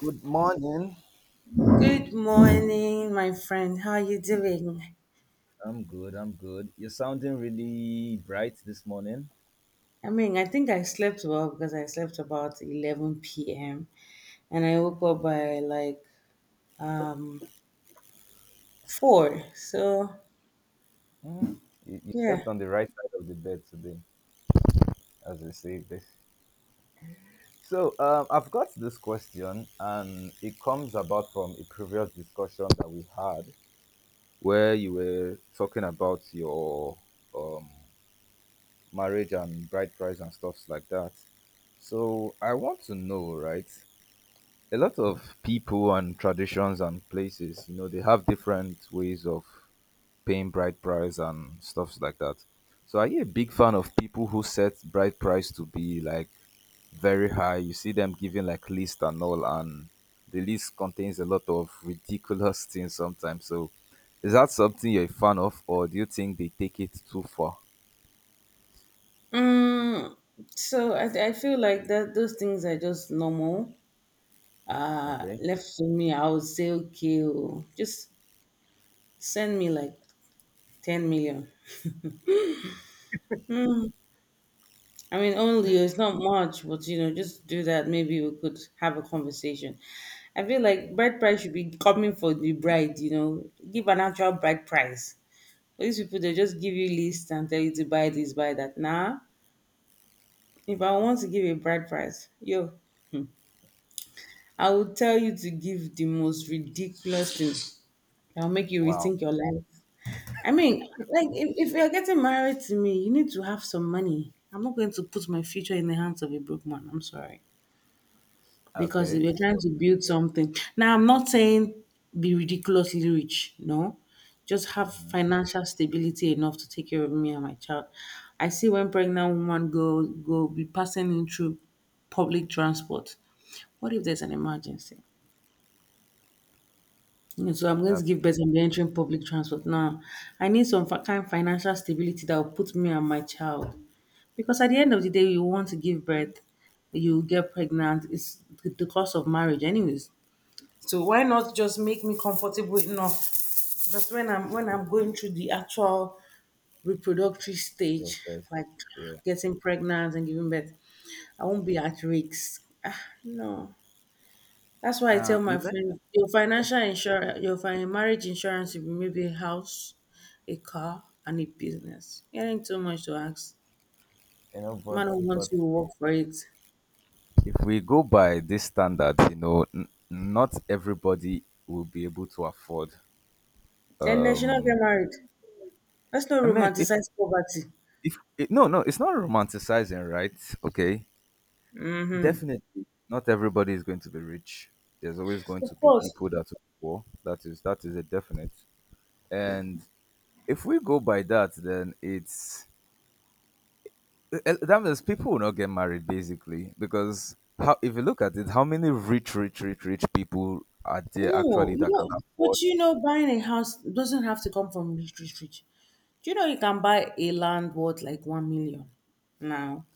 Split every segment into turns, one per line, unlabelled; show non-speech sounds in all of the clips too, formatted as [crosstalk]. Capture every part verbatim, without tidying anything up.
Good morning.
Good morning, my friend. How are you doing?
I'm good. I'm good. You're sounding really bright this morning.
I mean, I think I slept well because I slept about eleven p m and I woke up by like um four. So,
Mhm. You, you
yeah.
slept on the right side of the bed today, as we say this. So, um, I've got this question, and it comes about from a previous discussion that we had where you were talking about your um, marriage and bride price and stuffs like that. So, I want to know, right? A lot of people and traditions and places, you know, they have different ways of paying bride price and stuffs like that. So are you a big fan of people who set bride price to be like very high? You see them giving like list and all, and the list contains a lot of ridiculous [laughs] things sometimes. So is that something you're a fan of, or do you think they take it too far?
Mm, so I, I feel like that those things are just normal. Uh
Okay.
left to me, I would say okay, oh, just send me like ten million. I mean, only it's not much, but you know, just do that. Maybe we could have a conversation. I feel like
Yeah.
bride price should be coming for the bride. You know, give an actual bride price. But these people they just give you list and tell you to buy this, buy that. Nah, if I want to give a bride price, yo, I will tell you to give the most ridiculous thing that will make you
Wow.
rethink your life. I mean, like if, if you're getting married to me, you need to have some money. I'm not going to put my future in the hands of a broke man. I'm sorry, because
Okay.
we're trying
So
to build something. Now, I'm not saying be ridiculously rich, no, just have
hmm
financial stability enough to take care of me and my child. I see when pregnant woman go go be passing in through public transport. What if there's an emergency? You know, so I'm going to
that's
give
true.
birth and be entering public transport. Now, I need some fi- kind of financial stability that will put me and my child. Because at the end of the day, you want to give birth, you get pregnant. It's the the cost of marriage, anyways. So why not just make me comfortable enough? Because when I'm when I'm going through the actual reproductive
Yes,
stage,
yes.
like
Yeah.
getting pregnant and giving birth, I won't be at risk. Ah, no. That's why I
Uh,
tell my
you
friends
mentioned,
your
yeah,
financial insurance, your fin- marriage insurance will be maybe a house, a car, and a business. It ain't too much to ask.
you know, but
Man who wants
but
you will work for it.
if we go by this standard, you know, n- not everybody will be able to afford.
Then they should not get
Um,
married. Let's not
I mean, if
romanticize poverty.
if it, no, no, it's not romanticizing, right? Okay,
Hmm.
definitely, not everybody is going to be rich. There's always going
Of
to be
course.
people that are poor. That is that is a definite. And if we go by that, then it's eh, eh, that means people will not get married basically because how if you look at it, how many rich, rich, rich, rich people are there
No,
actually
you
that can
know, but
afford?
you know, buying a house doesn't have to come from rich, rich, rich. Do you know you can buy a land worth like one million now?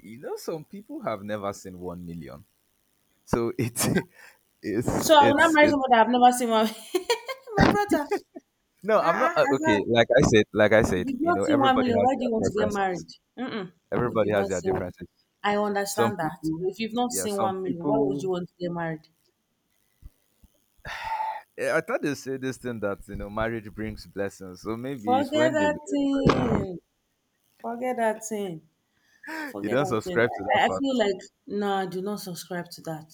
You know, some people have never seen 1 million, so it's [laughs]
So
it's
I will not
it's
marry
it
someone that I've never seen. My, [laughs] my brother,
no,
ah,
I'm not,
ah,
uh,
Azar,
okay, like i said like i
if
said
you've
you
not
know
seen one
everybody
million,
has
why do
their
you want to get married?
preferences.
Mm-mm. If
Everybody
you've
has
not
their
seen,
differences.
I
Some
understand that.
people,
If you've not
yeah.
seen
some
one million, why would
people
you want to get married?
Eh, I thought they say this thing that you know marriage brings blessings, so maybe it's
Forget
when they
that
[laughs]
thing. Forget that thing.
you
Forget
don't
that thing.
subscribe to that
I, I feel
fact.
like, no, I do not subscribe to that.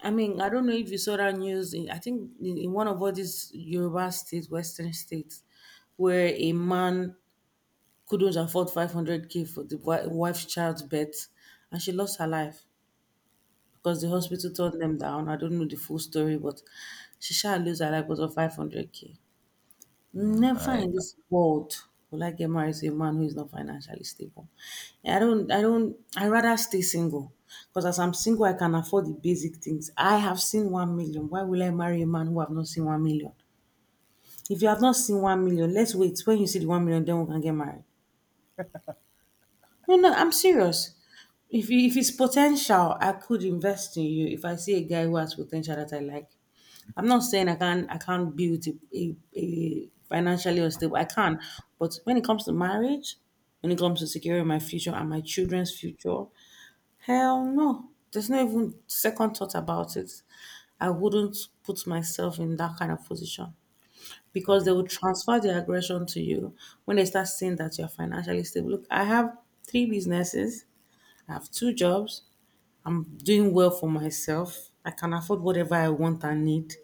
I mean, I don't know if you saw that news. In, I think in, in one of all these Yoruba states, Western states, where a man couldn't afford five hundred k for the wi- wife's child's birth, and she lost her life because the hospital turned them down. I don't know the full story, but she shall lose her life because of five hundred k.
All
Never
right.
in this world will I get married to a man who is not financially stable. I don't, I don't, I rather stay single because as I'm single, I can afford the basic things. I have seen one million. Why will I marry a man who have not seen one million? If you have not seen one million, let's wait. When you see the one million, then we can get married. No, no, I'm serious. If you, if it's potential, I could invest in you. If I see a guy who has potential that I like, I'm not saying I can't I can't build a, a, a financially unstable. I can, but when it comes to marriage, when it comes to securing my future and my children's future, hell no. There's no even second thought about it. I wouldn't put myself in that kind of position because they
Okay.
will transfer their aggression to you when they start seeing that you're financially stable. Look, I have three businesses, I have two jobs, I'm doing well for myself. I can afford whatever I want and need.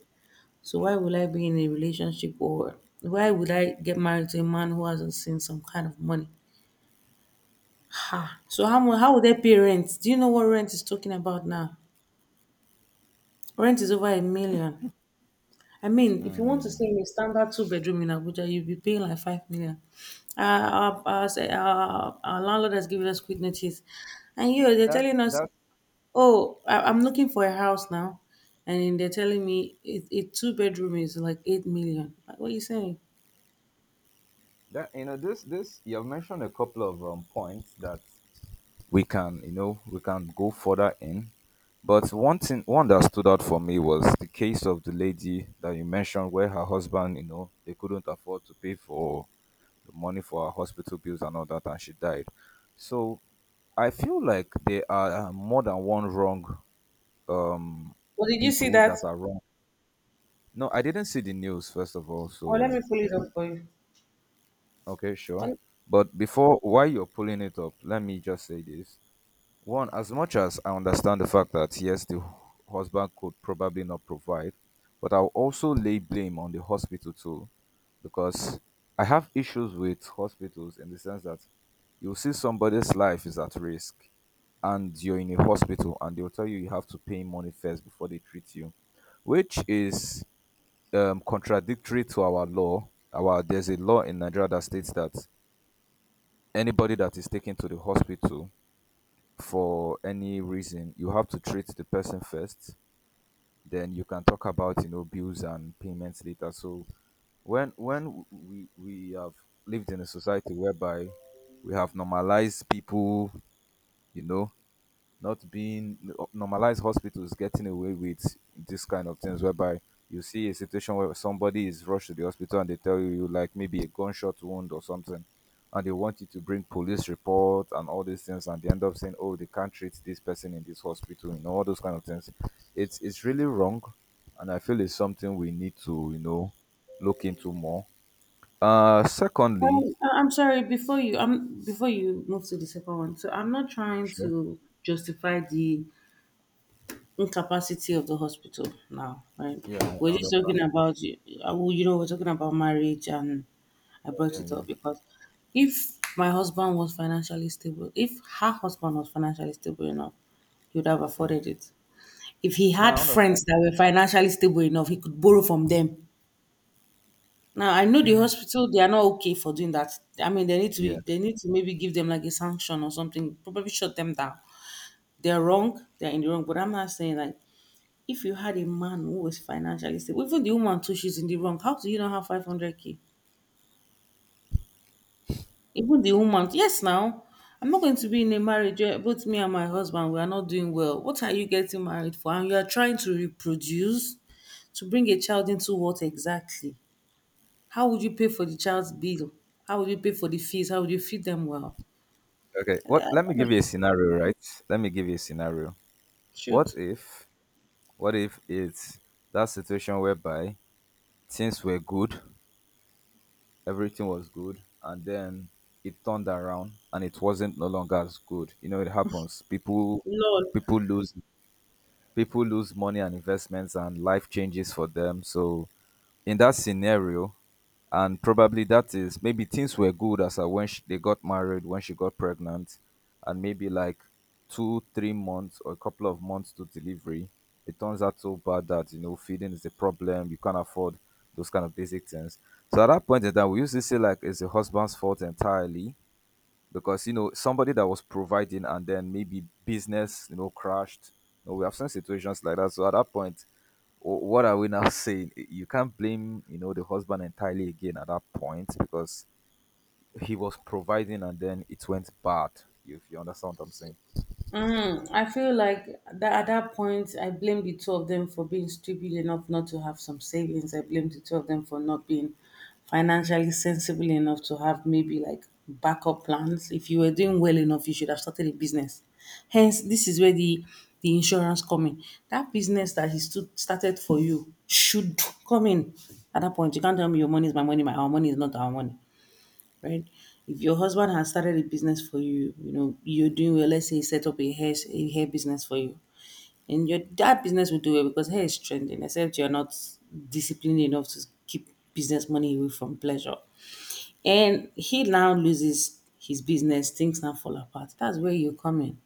So why will I be in a relationship or why would I get married to a man who hasn't seen some kind of money? Ha. So how mu- how would they pay rent? Do you know what rent is talking about now? Rent is over a million. I mean, if you want to stay
Mm.
in a standard two bedroom in Abuja, you'll be paying like five million. Uh, our, our, our, our landlord has given us quick notice, and you know, they're
that
telling us,
that
"Oh, I, I'm looking for a house now," and they're telling me it, it two bedroom is like eight million. Like, what are you saying?
that you know this this you've mentioned a couple of um, points that we can you know we can go further in, but one thing one that stood out for me was the case of the lady that you mentioned where her husband, you know they couldn't afford to pay for the money for her hospital bills and all that, and she died. So I feel like there are uh, more than one wrong, um
Well, did you see
people
that?
that are wrong. No, I didn't see the news, first of all,
Oh, let me
so
pull it up for you.
okay, sure.
Con-
But before, while you're pulling it up, let me just say this. One, as much as I understand the fact that yes, the husband could probably not provide, but I'll also lay blame on the hospital too, because I have issues with hospitals in the sense that you'll see somebody's life is at risk and you're in a hospital and they'll tell you you have to pay money first before they treat you, which is um, contradictory to our law. Our There's a law in Nigeria that states that anybody that is taken to the hospital for any reason you have to treat the person first, then you can talk about, you know bills and payments later. So when when we we have lived in a society whereby we have normalized people, you know not being normalized, hospitals getting away with this kind of things, whereby you see a situation where somebody is rushed to the hospital and they tell you you like maybe a gunshot wound or something, and they want you to bring police report and all these things, and they end up saying oh they can't treat this person in this hospital, you know all those kind of things. It's it's really wrong, and I feel it's something we need to, you know look into more. Uh secondly,
Um, I- I'm sorry. Before you, um, before you move to the second one, so I'm not trying
sure,
to justify the incapacity of the hospital now, right?
yeah, I
We're just talking
understand,
about, you uh, well, you know, we're talking about marriage, and I brought
yeah,
it
yeah,
up because if my husband was financially stable, if her husband was financially stable enough, he would have
yeah,
afforded it. If he
no,
had
I understand,
friends that were financially stable enough, he could borrow from them. Now I know the hospital they are not okay for doing that. I mean they need to
yeah.
be they need to maybe give them like a sanction or something, probably shut them down. They're wrong, they're in the wrong. But I'm not saying like if you had a man who was financially stable, even the woman too, she's in the wrong. How do you not have five hundred k? Even the woman, yes, now I'm not going to be in a marriage where both me and my husband we are not doing well. What are you getting married for? And you are trying to reproduce to bring a child into what exactly? How would you pay for the child's bill? How would you pay for the fees? How would you feed them well?
Okay,
And I-
what? Let me
I'm like,
give you a scenario, right? Let me give you a scenario. What
shoot.
if? What if it's that situation whereby things were good, everything was good, and then it turned around and it wasn't no longer as good. You know, it happens. People,
Lol.
people lose, people lose money and investments, and life changes for them. So in that scenario, and probably that is maybe things were good as at when she, they got married, when she got pregnant, and maybe like two three months or a couple of months to delivery, it turns out so bad that you know feeding is a problem, you can't afford those kind of basic things. So at that point in time, we used to say like it's the husband's fault entirely because you know somebody that was providing, and then maybe business you know crashed. You know, we have seen situations like that. So at that point, wh- what are we now [laughs] saying you can't blame, you know the husband entirely again at that point because he was providing and then it went bad, if you understand what I'm saying.
Mm, I feel like that at that point, I blame the two of them for being stupid enough not to have some savings. I blame the two of them for not being financially sensible enough to have maybe like backup plans. If you were doing well enough, you should have started a business. Hence, this is where the the insurance come in. That business that he stood, started for you should come in. At that point, you can't tell me your money is my money, my our money is not our money, right? If your husband has started a business for you, you know, you're doing well, let's say he set up a hair, a hair business for you, and your that business will do well because hair is trending, except you're not disciplined enough to keep business money away from pleasure. And he now loses his business, things now fall apart. That's where you come in.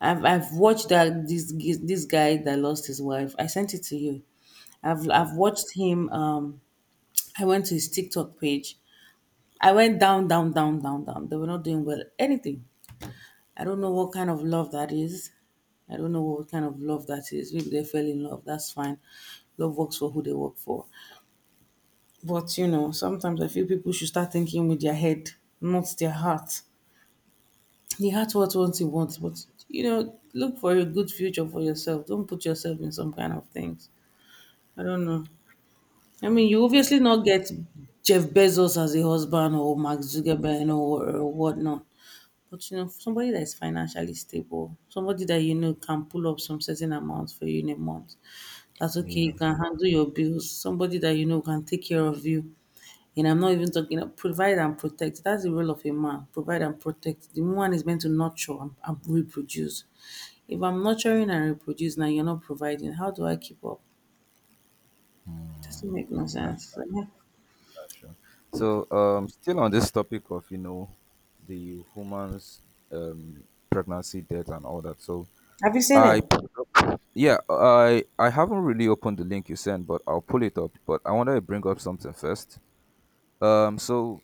I've, I've watched that this this guy that lost his wife. I sent it to you. I've
Yeah,
I've watched him. Um, I went to his TikTok page. I went down, down, down, down, down. They were not doing well. Anything. I don't know what kind of love that is. I don't know what kind of love that is. Maybe they fell in love. That's fine. Love works for who they work for. But you know, sometimes I feel people should start thinking with their head, not their heart. The heart what wants it wants, but you know, look for a good future for yourself. Don't put yourself in some kind of things. I don't know. I
true,
mean, you
true.
obviously not get Jeff Bezos as a husband or Mark Zuckerberg, or, or whatnot. But you know, somebody that is financially stable, somebody that you know can pull up some certain amount for you in a month. That's okay. You
Yeah.
can handle your bills. Somebody that you know can take care of you. And I'm not even talking about provide and protect. That's the role of a man. Provide and protect. The woman is meant to nurture and, and reproduce. If I'm nurturing and reproduce now, you're not providing. How do I keep up? It
Mm.
doesn't make no
that's,
sense.
that's true. So um still on this topic of, you know the woman's um pregnancy death and all that, so
Have you seen
I
it?
pulled up. Yeah, I I haven't really opened the link you sent, but I'll pull it up. But I want to bring up something first. Um, so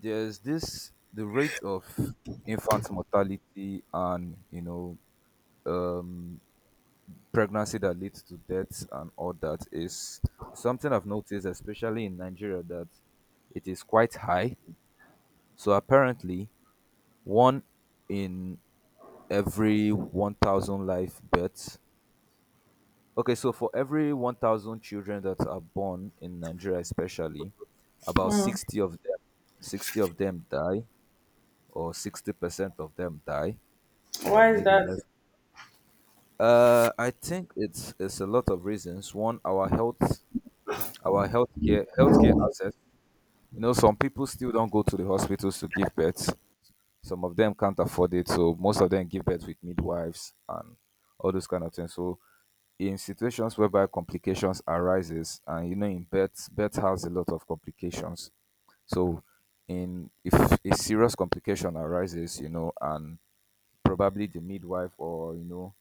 there's this the rate of infant mortality and you know um pregnancy that leads to deaths and all that is something I've noticed, especially in Nigeria, that it is quite high. So apparently, one in every one thousand life births. Okay, so for every one thousand children that are born in Nigeria, especially, about
Mm.
sixty of them, sixty of them die, or sixty percent of them die, or
Why is
maybe
that?
less. Uh, I think it's it's a lot of reasons. One, our health, our healthcare, healthcare access. You know, some people still don't go to the hospitals to give birth. Some of them can't afford it, so most of them give birth with midwives and all those kind of things. So in situations whereby complications arises, and you know in birth, birth has a lot of complications, so in if a serious complication arises, you know and probably the midwife or you know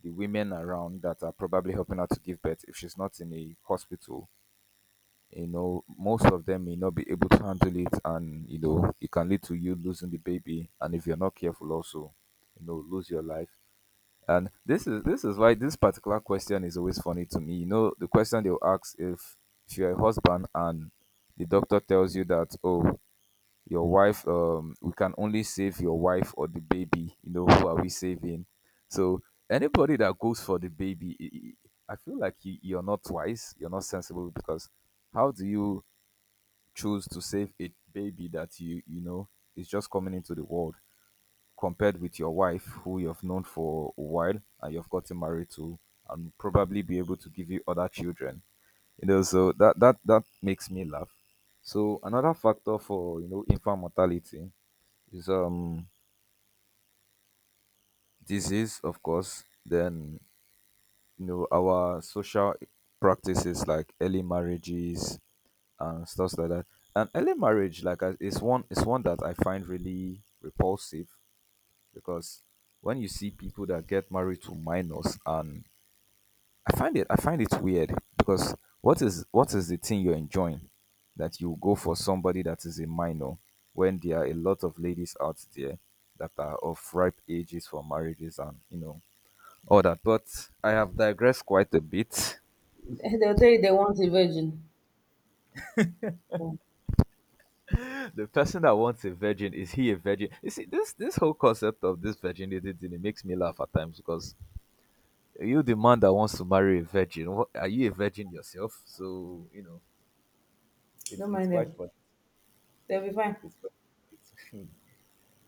the women around that are probably helping her to give birth if she's not in a hospital, you know most of them may not be able to handle it, and you know it can lead to you losing the baby, and if you're not careful also, you know lose your life. And this is this is why this particular question is always funny to me. You know, the question they'll ask, if if you're a husband and the doctor tells you that oh your wife, um we can only save your wife or the baby. You know, who are we saving? So anybody that goes for the baby, I I- I feel like you, you're not wise. You're not sensible because how do you choose to save a baby that you you know is just coming into the world, compared with your wife who you've known for a while and you've gotten married to, and probably be able to give you other children? You know so that that that makes me laugh. So another factor for, you know infant mortality is um disease, of course, then you know our social practices like early marriages and stuff like that. And early marriage, like I- is one is one that I find really repulsive, because when you see people that get married to minors, and I find it I find it weird because what is what is the thing you're enjoying that you go for somebody that is a minor when there are a lot of ladies out there that are of ripe ages for marriages and, you know all that. But I have digressed quite a bit.
They'll tell you they want a virgin. Don't
[laughs] The person that wants a virgin, is he a virgin? You see this this whole concept of this virginity thing, it makes me laugh at times because you, the man that wants to marry a virgin, what, are you a virgin yourself? So you know, it's it's
mind
quite
them.
fun.
They'll be fine.
it's, quite- it's [laughs]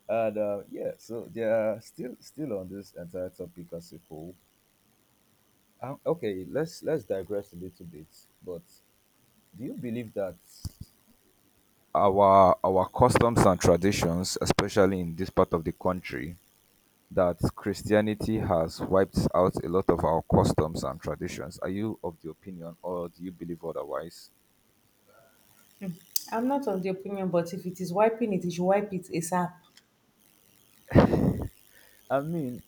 and uh, yeah so they are still still on this entire topic as a whole. Um, okay let's let's digress a little bit. But do you believe that our our customs and traditions, especially in this part of the country, that Christianity has wiped out a lot of our customs and traditions? Are you of the opinion, or do you believe otherwise?
I'm not of the opinion, but if it is wiping it, you should wipe it ASAP.
I mean,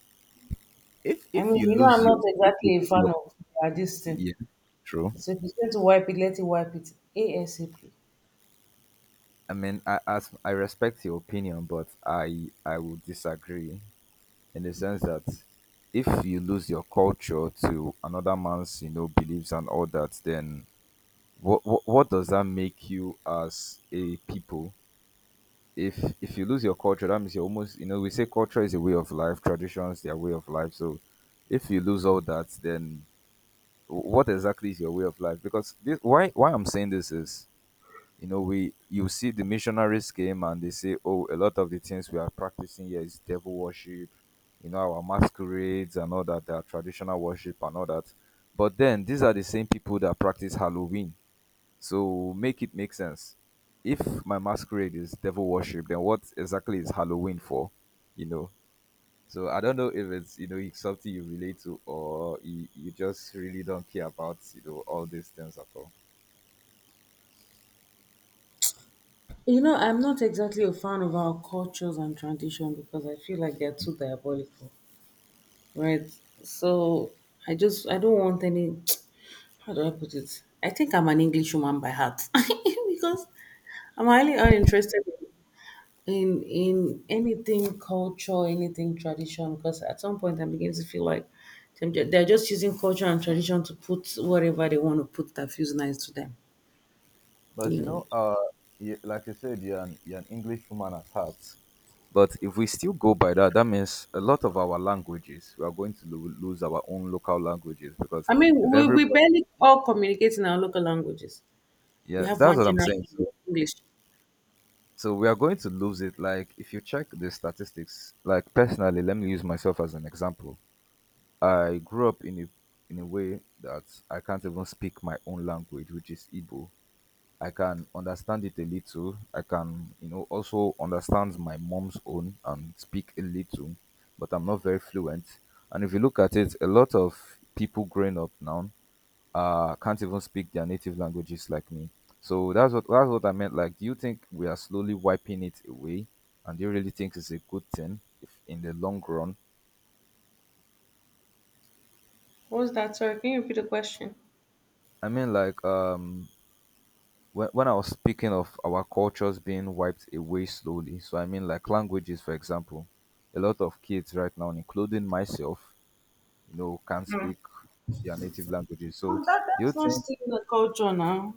if
I
if you
mean, you know,
lose
I'm not
your, if you
exactly a
lose
fan
your—
of uh, this thing.
yeah, true.
So if it's going to wipe it, let it wipe it ASAP.
I mean, I, as I respect your opinion, but i i would disagree, in the sense that if you lose your culture to another man's, you know, beliefs and all that, then what what, what does that make you as a people? If if you lose your culture, that means you're almost, you know, we say culture is a way of life, traditions, their way of life. So if you lose all that, then wh- what exactly is your way of life? Because this, why why I'm saying this is, you know, we, you see, the missionaries came and they say, oh, a lot of the things we are practicing here is devil worship, you know, our masquerades and all that, our traditional worship and all that. But then these are the same people that practice Halloween. So make it make sense. If my masquerade is devil worship, then what exactly is Halloween for? You know. So I don't know if it's, you know, it's something you relate to, or you, you just really don't care about, you know, all these things at all.
You know, I'm not exactly a fan of our cultures and tradition because I feel like they're too diabolical, right? So I just I don't want any. [tsk] How do I put it? I think I'm an English woman by heart [laughs] because I'm highly uninterested in in anything culture, anything tradition, because at some point I'm beginning to feel like them- they're they're just using culture and tradition to put whatever they want to put that feels nice to them.
But
You
you
know,
know, uh, you, like I said, you're an, you're an English woman at heart. But if we still go by that, that means a lot of our languages, we are going to lo- lose our own local languages because
I mean,
if
we, we
everybody—
barely all communicate in our local languages. We
yeah,
have
that's
one
what I'm
general
saying.
language,
So,
English.
so we are going to lose it. Like if you check the statistics, like personally, let me use myself as an example. I grew up in a, in a way that I can't even speak my own language, which is Igbo. I can understand it a little. I can, you know, also understand my mom's own and speak a little, but I'm not very fluent. And if you look at it, a lot of people growing up now, uh, can't even speak their native languages like me. So that's what, that's what I meant. Like, do you think we are slowly wiping it away? And do you really think it's a good thing if in the long run?
What was that? Sorry, can you repeat the question?
I mean, like, um, when, when I was speaking of our cultures being wiped away slowly, so I mean like languages, for example, a lot of kids right now, including myself, you know, can't
No,
speak their native languages. So
oh, that,
do you
that's not
think?
stealing the culture now.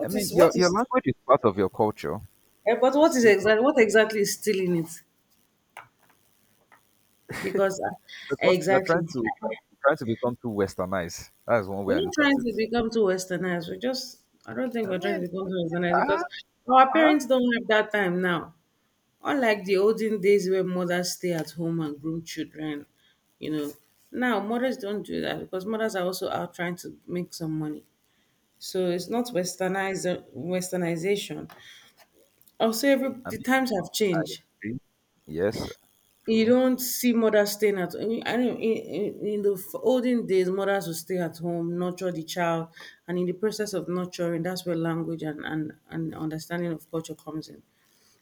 I mean,
is what
your your
is?
language is part of your culture.
eh, But
It's
what is
still part—
exactly what exactly is stealing it? Because uh,
because we are
exactly.
trying to, we're trying to become too westernized. That is one
We're
way I
not
look at
trying
it.
to become too westernized. We just, I don't think
I
we're trying to
mean,
become
we-
too
we-
westernized
ah,
because our
ah.
parents don't have that time now. Unlike the olden days where mothers stay at home and groom children, you know, now mothers don't do that because mothers are also out trying to make some money. So it's not westernized westernization. Also, every
I
the
mean,
times have
I
changed.
agree. Yes,
You
true.
don't see mothers staying at in- I know in, in, in the f- olden days, mothers would stay at home, nurture the child, and in the process of nurturing, that's where language and, and, and understanding of culture comes in.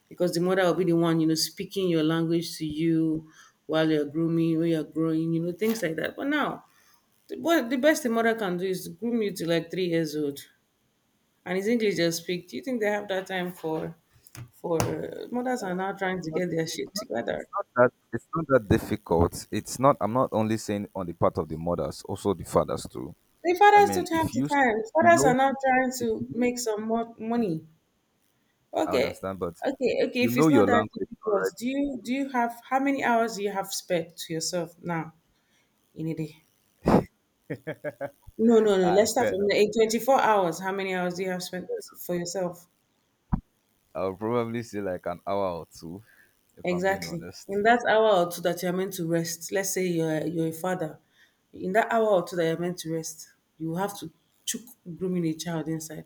Because the mother will be the one, you know, speaking your language to you while you're grooming, while you're growing, you know, things like that. But now, the, what the best a mother can do is groom you to like three years old, and it's English they speak. Do you think they have that time for, for uh, mothers are now trying to
Not,
get their shit
it's not,
together?
it's not that, it's not that difficult. It's not, I'm not only saying on the part of the mothers, also the fathers too.
The
I
fathers
mean
don't have
if
the
you s-
time.
you
Fathers are
know
now trying
if
to
you know,
make some more money.
I
Okay,
understand, but
okay, okay.
you
If
know
it's not
your
that
language
difficult,
already.
do you do you have how many hours do you have spared to yourself now in a day? No, no, no.
I,
Let's start
fair
from
enough.
the in twenty-four hours. How many hours do you have spent for yourself?
I'll probably say like an hour or two, if I'm being
Exactly. In
honest.
that hour or two that you're meant to rest, let's say you're you're a father. In that hour or two that you're meant to rest, you have to chook grooming a child inside.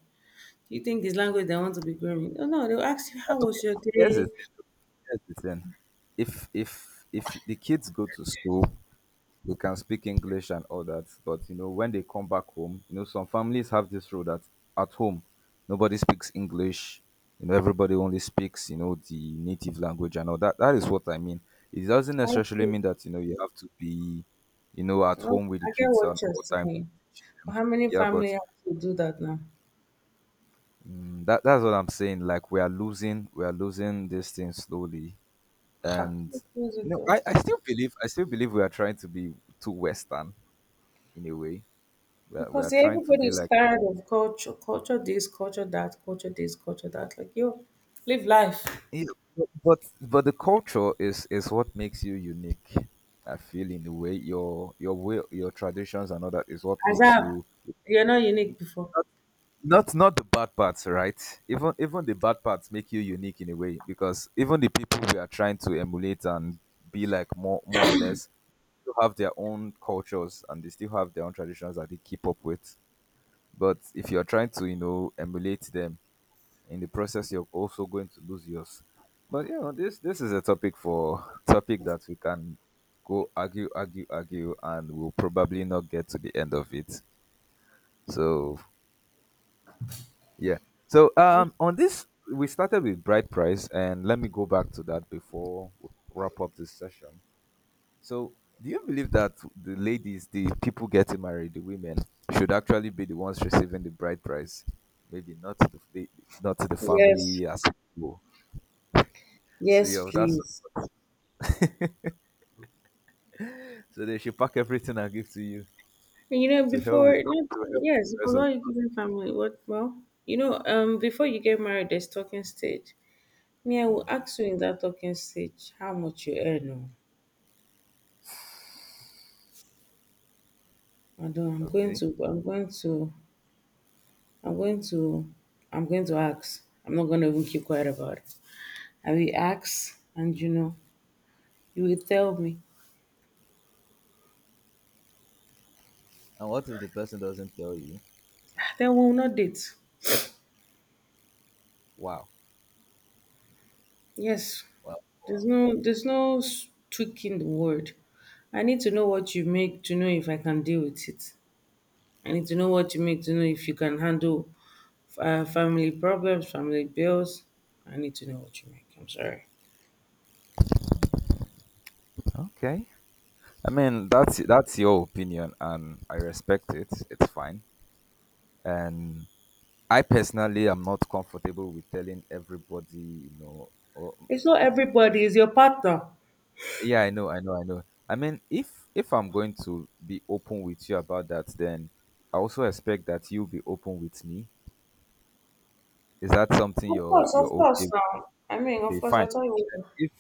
You think this language they want to be growing? No, no, they'll ask you,
Uh,
how
Okay.
was your
Here's the
day?
thing. Here's the thing. If if if the kids go to school, we can speak English and all that. But you know, when they come back home, you know, some families have this rule that at home, nobody speaks English. You know, everybody only speaks, you know, the native language and all that. That is what I mean. It doesn't
How
necessarily
you?
mean that, you know, you have to be, you know, at
Well,
home with the
I get
kids and
what you're
all time to
saying.
teach
But
them.
how many
Yeah,
family
but
have to do that now?
mm, that, that's what I'm saying. Like we are losing, we are losing this thing slowly,
Ha.
and
Because
you
it
know,
all-
I, I still believe, I still believe we are trying to be too Western in a way. We are, we are
because
trying to
everybody
be
is
like—
tired of culture, culture this, culture that, culture this, culture that. Like, yo, live life.
yeah, but but but the culture is is what makes you unique. I feel in a way your your way, your traditions and all that is what makes
Azab,
you—
you're not unique before.
not, not the bad parts, right? Even, even the bad parts make you unique in a way, because even the people we are trying to emulate and be like, more more or less, still have their own cultures and they still have their own traditions that they keep up with. But if you're trying to, you know, emulate them, in the process you're also going to lose yours. But you know, this this is a topic for— [laughs] topic that we can go argue, argue, argue, and we'll probably not get to the end of it. So yeah. So um, on this, we started with bright price, and let me go back to that before we wrap up this session. So do you believe that the ladies, the people getting married, the women, should actually be the ones receiving the bride price, maybe not the, the not the
Yes,
family as well. So
yes,
yeah, that's—
please.
so they should pack everything and give to you,
You know,
to help with,
before, not,
to help
yes,
the rest
because
of—
all you give your family, what, well, you know, um, before you get married, there's talking stage. Me, I will
yeah.
ask you in that talking stage how much you earn. Oh. I don't, I'm going
Okay.
to, I'm going to, I'm going to, I'm going to ask. I'm not going to even keep quiet about it. I will ask, and you know, you will tell me.
And what if the person doesn't tell you?
Then we will not date.
Wow.
Yes,
Wow.
there's
Wow.
no, there's no s- tweak in the word. I need to know what you make to know if I can deal with it. I need to know what you make to know if you can handle uh, family problems, family bills. I need to know what you make. I'm sorry.
Okay. I mean, that's that's your opinion and I respect it. It's fine. And I personally am not comfortable with telling everybody, you know, or—
It's not everybody, it's your partner.
yeah, I know, I know, I know. I mean, if if I'm going to be open with you about that, then I also expect that you be open with me. Is that something
Of
you're
course,
you're
of course.
okay—
Now, I mean, of
okay,
course, I
fine.
tell you,
Then,
what,
if—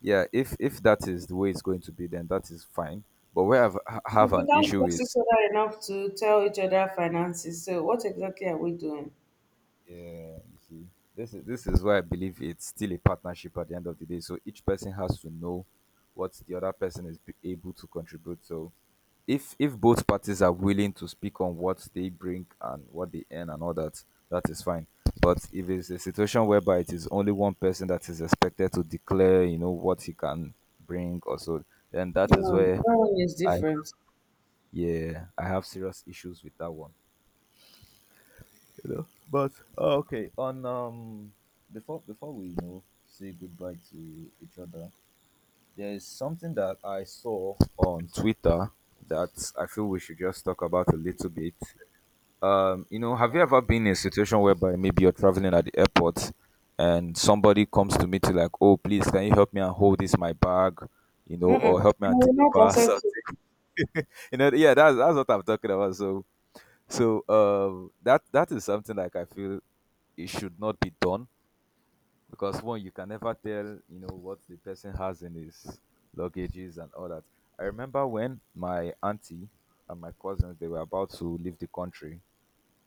yeah, if if that is the way it's going to be, then that is fine. But where I have,
we
have
we
an
can't
issue
trust each
is—
other enough to tell each other finances. So, what exactly are we doing?
yeah, you see, this is this is why I believe it's still a partnership at the end of the day. So each person has to know what the other person is be- able to contribute. So if if both parties are willing to speak on what they bring and what they earn and all that, that is fine. But if it's a situation whereby it is only one person that is expected to declare, you know, what he can bring or so, then that is
No, that
where
one is
I—
different.
yeah, I have serious issues with that one. You know. But uh, okay, on um before before we, you know, say goodbye to each other, there is something that I saw on Twitter that I feel we should just talk about a little bit. Um, you know, have you ever been in a situation whereby maybe you're traveling at the airport and somebody comes to meet you like, oh, please, can you help me and hold this my bag, you know,
Mm-mm.
or help
I
me and
will not
deliver
accept it.
something? [laughs] You know, yeah, that's that's what I'm talking about. So, so um, that, that is something like I feel it should not be done, because one, you can never tell, you know, what the person has in his luggages and all that. I remember when my auntie and my cousins, they were about to leave the country,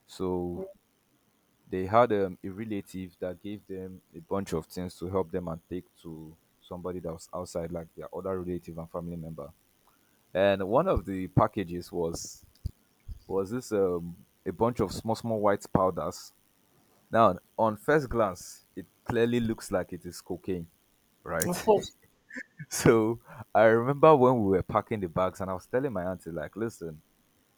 so they had um, a relative that gave them a bunch of things to help them and take to somebody that was outside, like their other relative and family member. And one of the packages was, was this um, a bunch of small, small white powders. Now, on first glance, it clearly looks like it is cocaine, right?
Of course.
[laughs] So I remember when we were packing the bags, and I was telling my auntie, like, listen,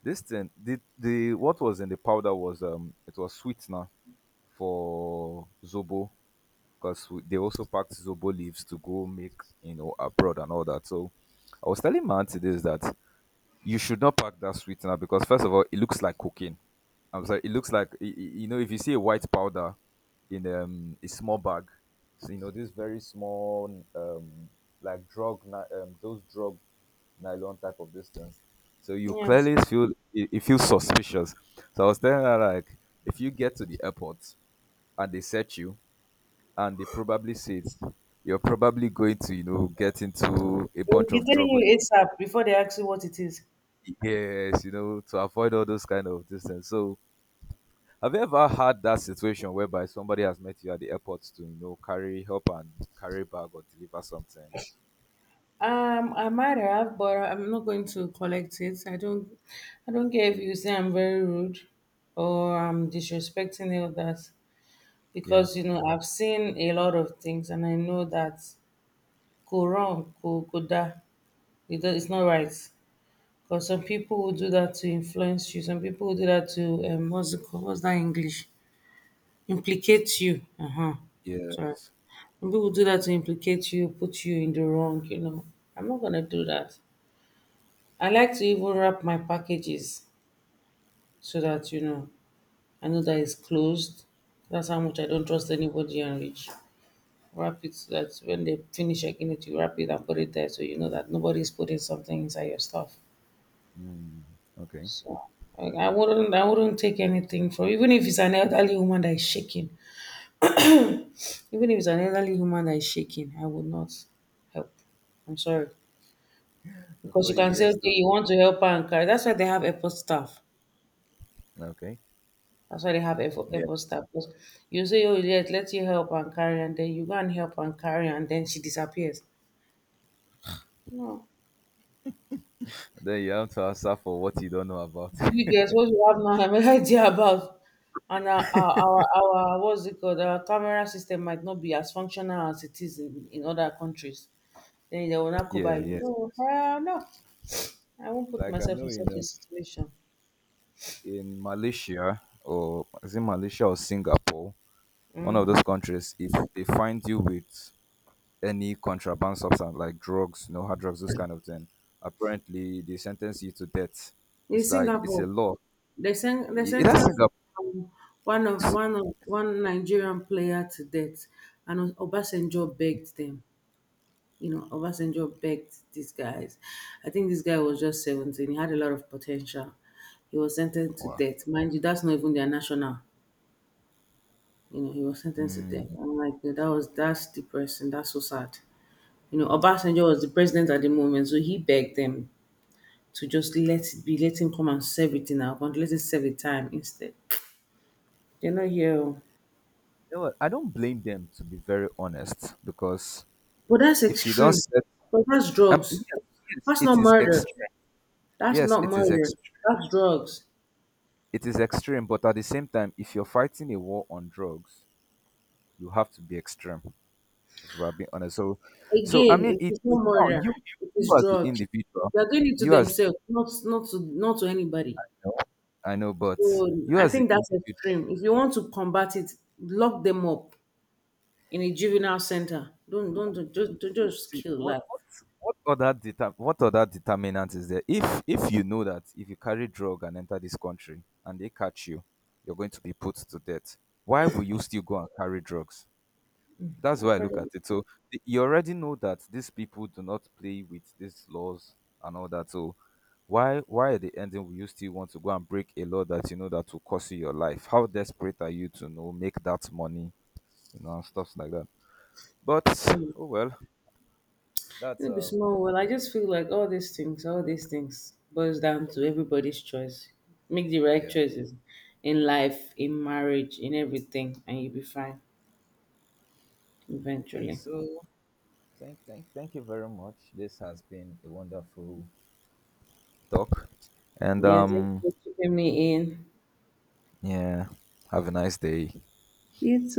this thing, the the what was in the powder was, um, it was sweetener for zobo, because they also packed zobo leaves to go make, you know, abroad and all that. So I was telling my auntie this, that you should not pack that sweetener because first of all, it looks like cooking. I'm sorry, it looks like, y- y- you know, if you see a white powder in, um, a small bag, so, you know, this very small, um, like drug ni- um, those drug nylon type of this thing. So you
Yes.
clearly feel it, it feels suspicious. So I was telling her, like, if you get to the airport and they search you, and they probably said, you're probably going to, you know, get into a
They will
bunch
be
of
telling
trouble.
you ASAP before they ask you what it is.
Yes, you know, to avoid all those kind of distance. So have you ever had that situation whereby somebody has met you at the airport to, you know, carry, help and carry bag, or deliver something?
Um, I might have, but I'm not going to collect it. I don't, I don't care if you say I'm very rude or I'm disrespecting you. That
Yeah.
because you know I've seen a lot of things and I know that go wrong, go go da. It do- it's not right because some people will do that to influence you. Some people will do that to um, what's it called? What's that English? Implicate you. Uh huh. Sorry.
Yes.
Some people do that to implicate you, put you in the wrong. You know, I'm not gonna do that. I like to even wrap my packages so that you know I know that it's closed. That's how much I don't trust anybody and rich. Wrap it so that when they finish checking it, you wrap it and put it there so you know that nobody's putting something inside your stuff.
Mm, okay.
So like, I wouldn't I wouldn't take anything from even if it's an elderly woman that is shaking. Even if it's an elderly woman that is shaking, I would not help. I'm sorry. Because you
Before you
can say,
hear
okay,
story.
you want to help her and carry. That's why they have airport staff.
Okay.
That's why they have airport,
Yeah.
airport staff. Because you say, oh, yes, let you help and carry, and then you go and help and carry, and then she disappears. No,
Then you have to answer for what you don't know about.
you
[laughs]
get what you have now, I'm idea about. And our, our, our, our, what's it called? Our camera system might not be as functional as it is in, in other countries. Then they will not go
Yeah,
by,
yes.
no, hell no, I won't put
Like I
myself
know
in
in
such a
uh,
situation.
in Malaysia, or is it Malaysia or Singapore? One
Mm.
of those countries, if they find you with any contraband substance like drugs, you know, hard drugs, those kind of thing, apparently they sentence you to death.
In
It's like it's a
Singapore,
law.
they sent they
It it has
sentenced
Singapore.
um, one of one of one Nigerian player to death, and Obasanjo begged them. You know, Obasanjo begged these guys. I think this guy was just seventeen. He had a lot of potential. He was sentenced to
Wow.
death. Mind you, that's not even their national. You know, he was sentenced to death.
Mm,
I'm like, that was that's depressing. That's so sad. You know, Obasanjo was the president at the moment, so he begged them to just let it be, let him come and serve it in our country, let him serve the time instead. They're not here. Oh.
you know what? I don't blame them, to be very honest, because
But that's
if you don't
extreme.
set,
But that's
um, yes,
drugs.
yes,
That's
it
not
is
murder.
extreme.
That's
Yes,
not
it is
murder.
extreme.
That's drugs.
It is extreme, but at the same time, if you're fighting a war on drugs, you have to be extreme, if we're being honest. So, so I mean,
Again, it
it,
is no
it no,
murder.
you,
It
you
is
you as the
drugs.
individual,
They are doing it to
you as—
themselves, not not to not to anybody.
you, I know, but
So
you
I
as the
think that's
individual,
extreme. If you want to combat it, lock them up in a juvenile center. Don't don't, don't just don't
see,
just
see
kill
what
life.
what what other deter, what other determinant is there? If if you know that if you carry drug and enter this country and they catch you, you're going to be put to death. Why will you still go and carry drugs? That's
My
why I look
brother,
at it. So th- you already know that these people do not play with these laws and all that. So why why at the ending will you still want to go and break a law that you know that will cost you your life? How desperate are you to know make that money, you know, and stuff like that. But
um,
oh well, that's
it'll be
um—
small. Well, I just feel like all these things, all these things, boils down to everybody's choice. Make the right
yeah.
choices in life, in marriage, in everything, and you'll be fine
Okay,
eventually.
so thank thank thank you very much. This has been a wonderful talk, and
Yeah, thanks
um,
for keeping me in.
yeah, have a nice day.
Из.